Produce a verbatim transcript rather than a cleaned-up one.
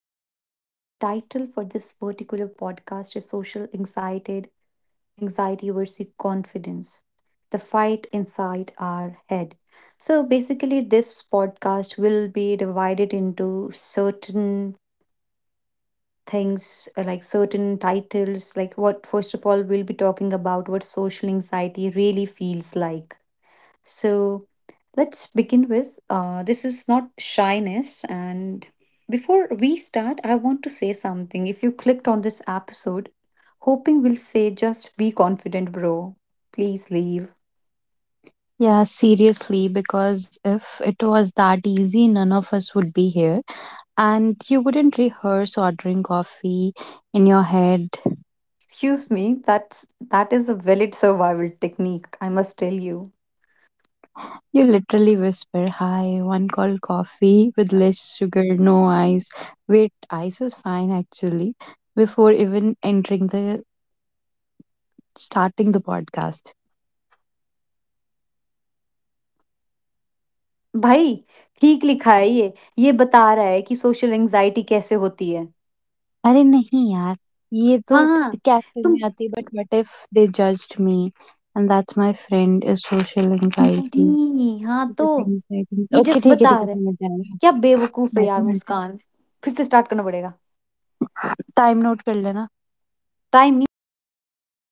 And the title for this particular podcast is Social Anxiety, Anxiety versus Confidence. The fight inside our head. So basically this podcast will be divided into certain things uh, like certain titles, like what, first of all, we'll be talking about what social anxiety really feels like. So let's begin with uh, this is not shyness. And before we start, I want to say something. If you clicked on this episode hoping will say just be confident, bro, please leave. Yeah, seriously, because if it was that easy, none of us would be here. And you wouldn't rehearse ordering coffee in your head. Excuse me, that's that is a valid survival technique, I must tell you. You literally whisper, "Hi, one cold coffee with less sugar, no ice. Wait, ice is fine actually," before even entering the starting the podcast. भाई, ठीक लिखा है ये, ये बता रहा है कि सोशल एंजाइटी कैसे होती है। अरे नहीं यार, ये तो हाँ, कैफे तुम में आती, but what if they judged me, and that's my friend is social anxiety. नहीं। हाँ तो ओके, ये जस्ट ठीक है, बता ठीक है रहा है। समझ क्या जाएँगे। बेवकूफ है ऐसे यार ही मुस्कान! फिर से स्टार्ट करना पड़ेगा। टाइम नोट कर लेना। टाइम नहीं, मैं काट रही हूँ उसको।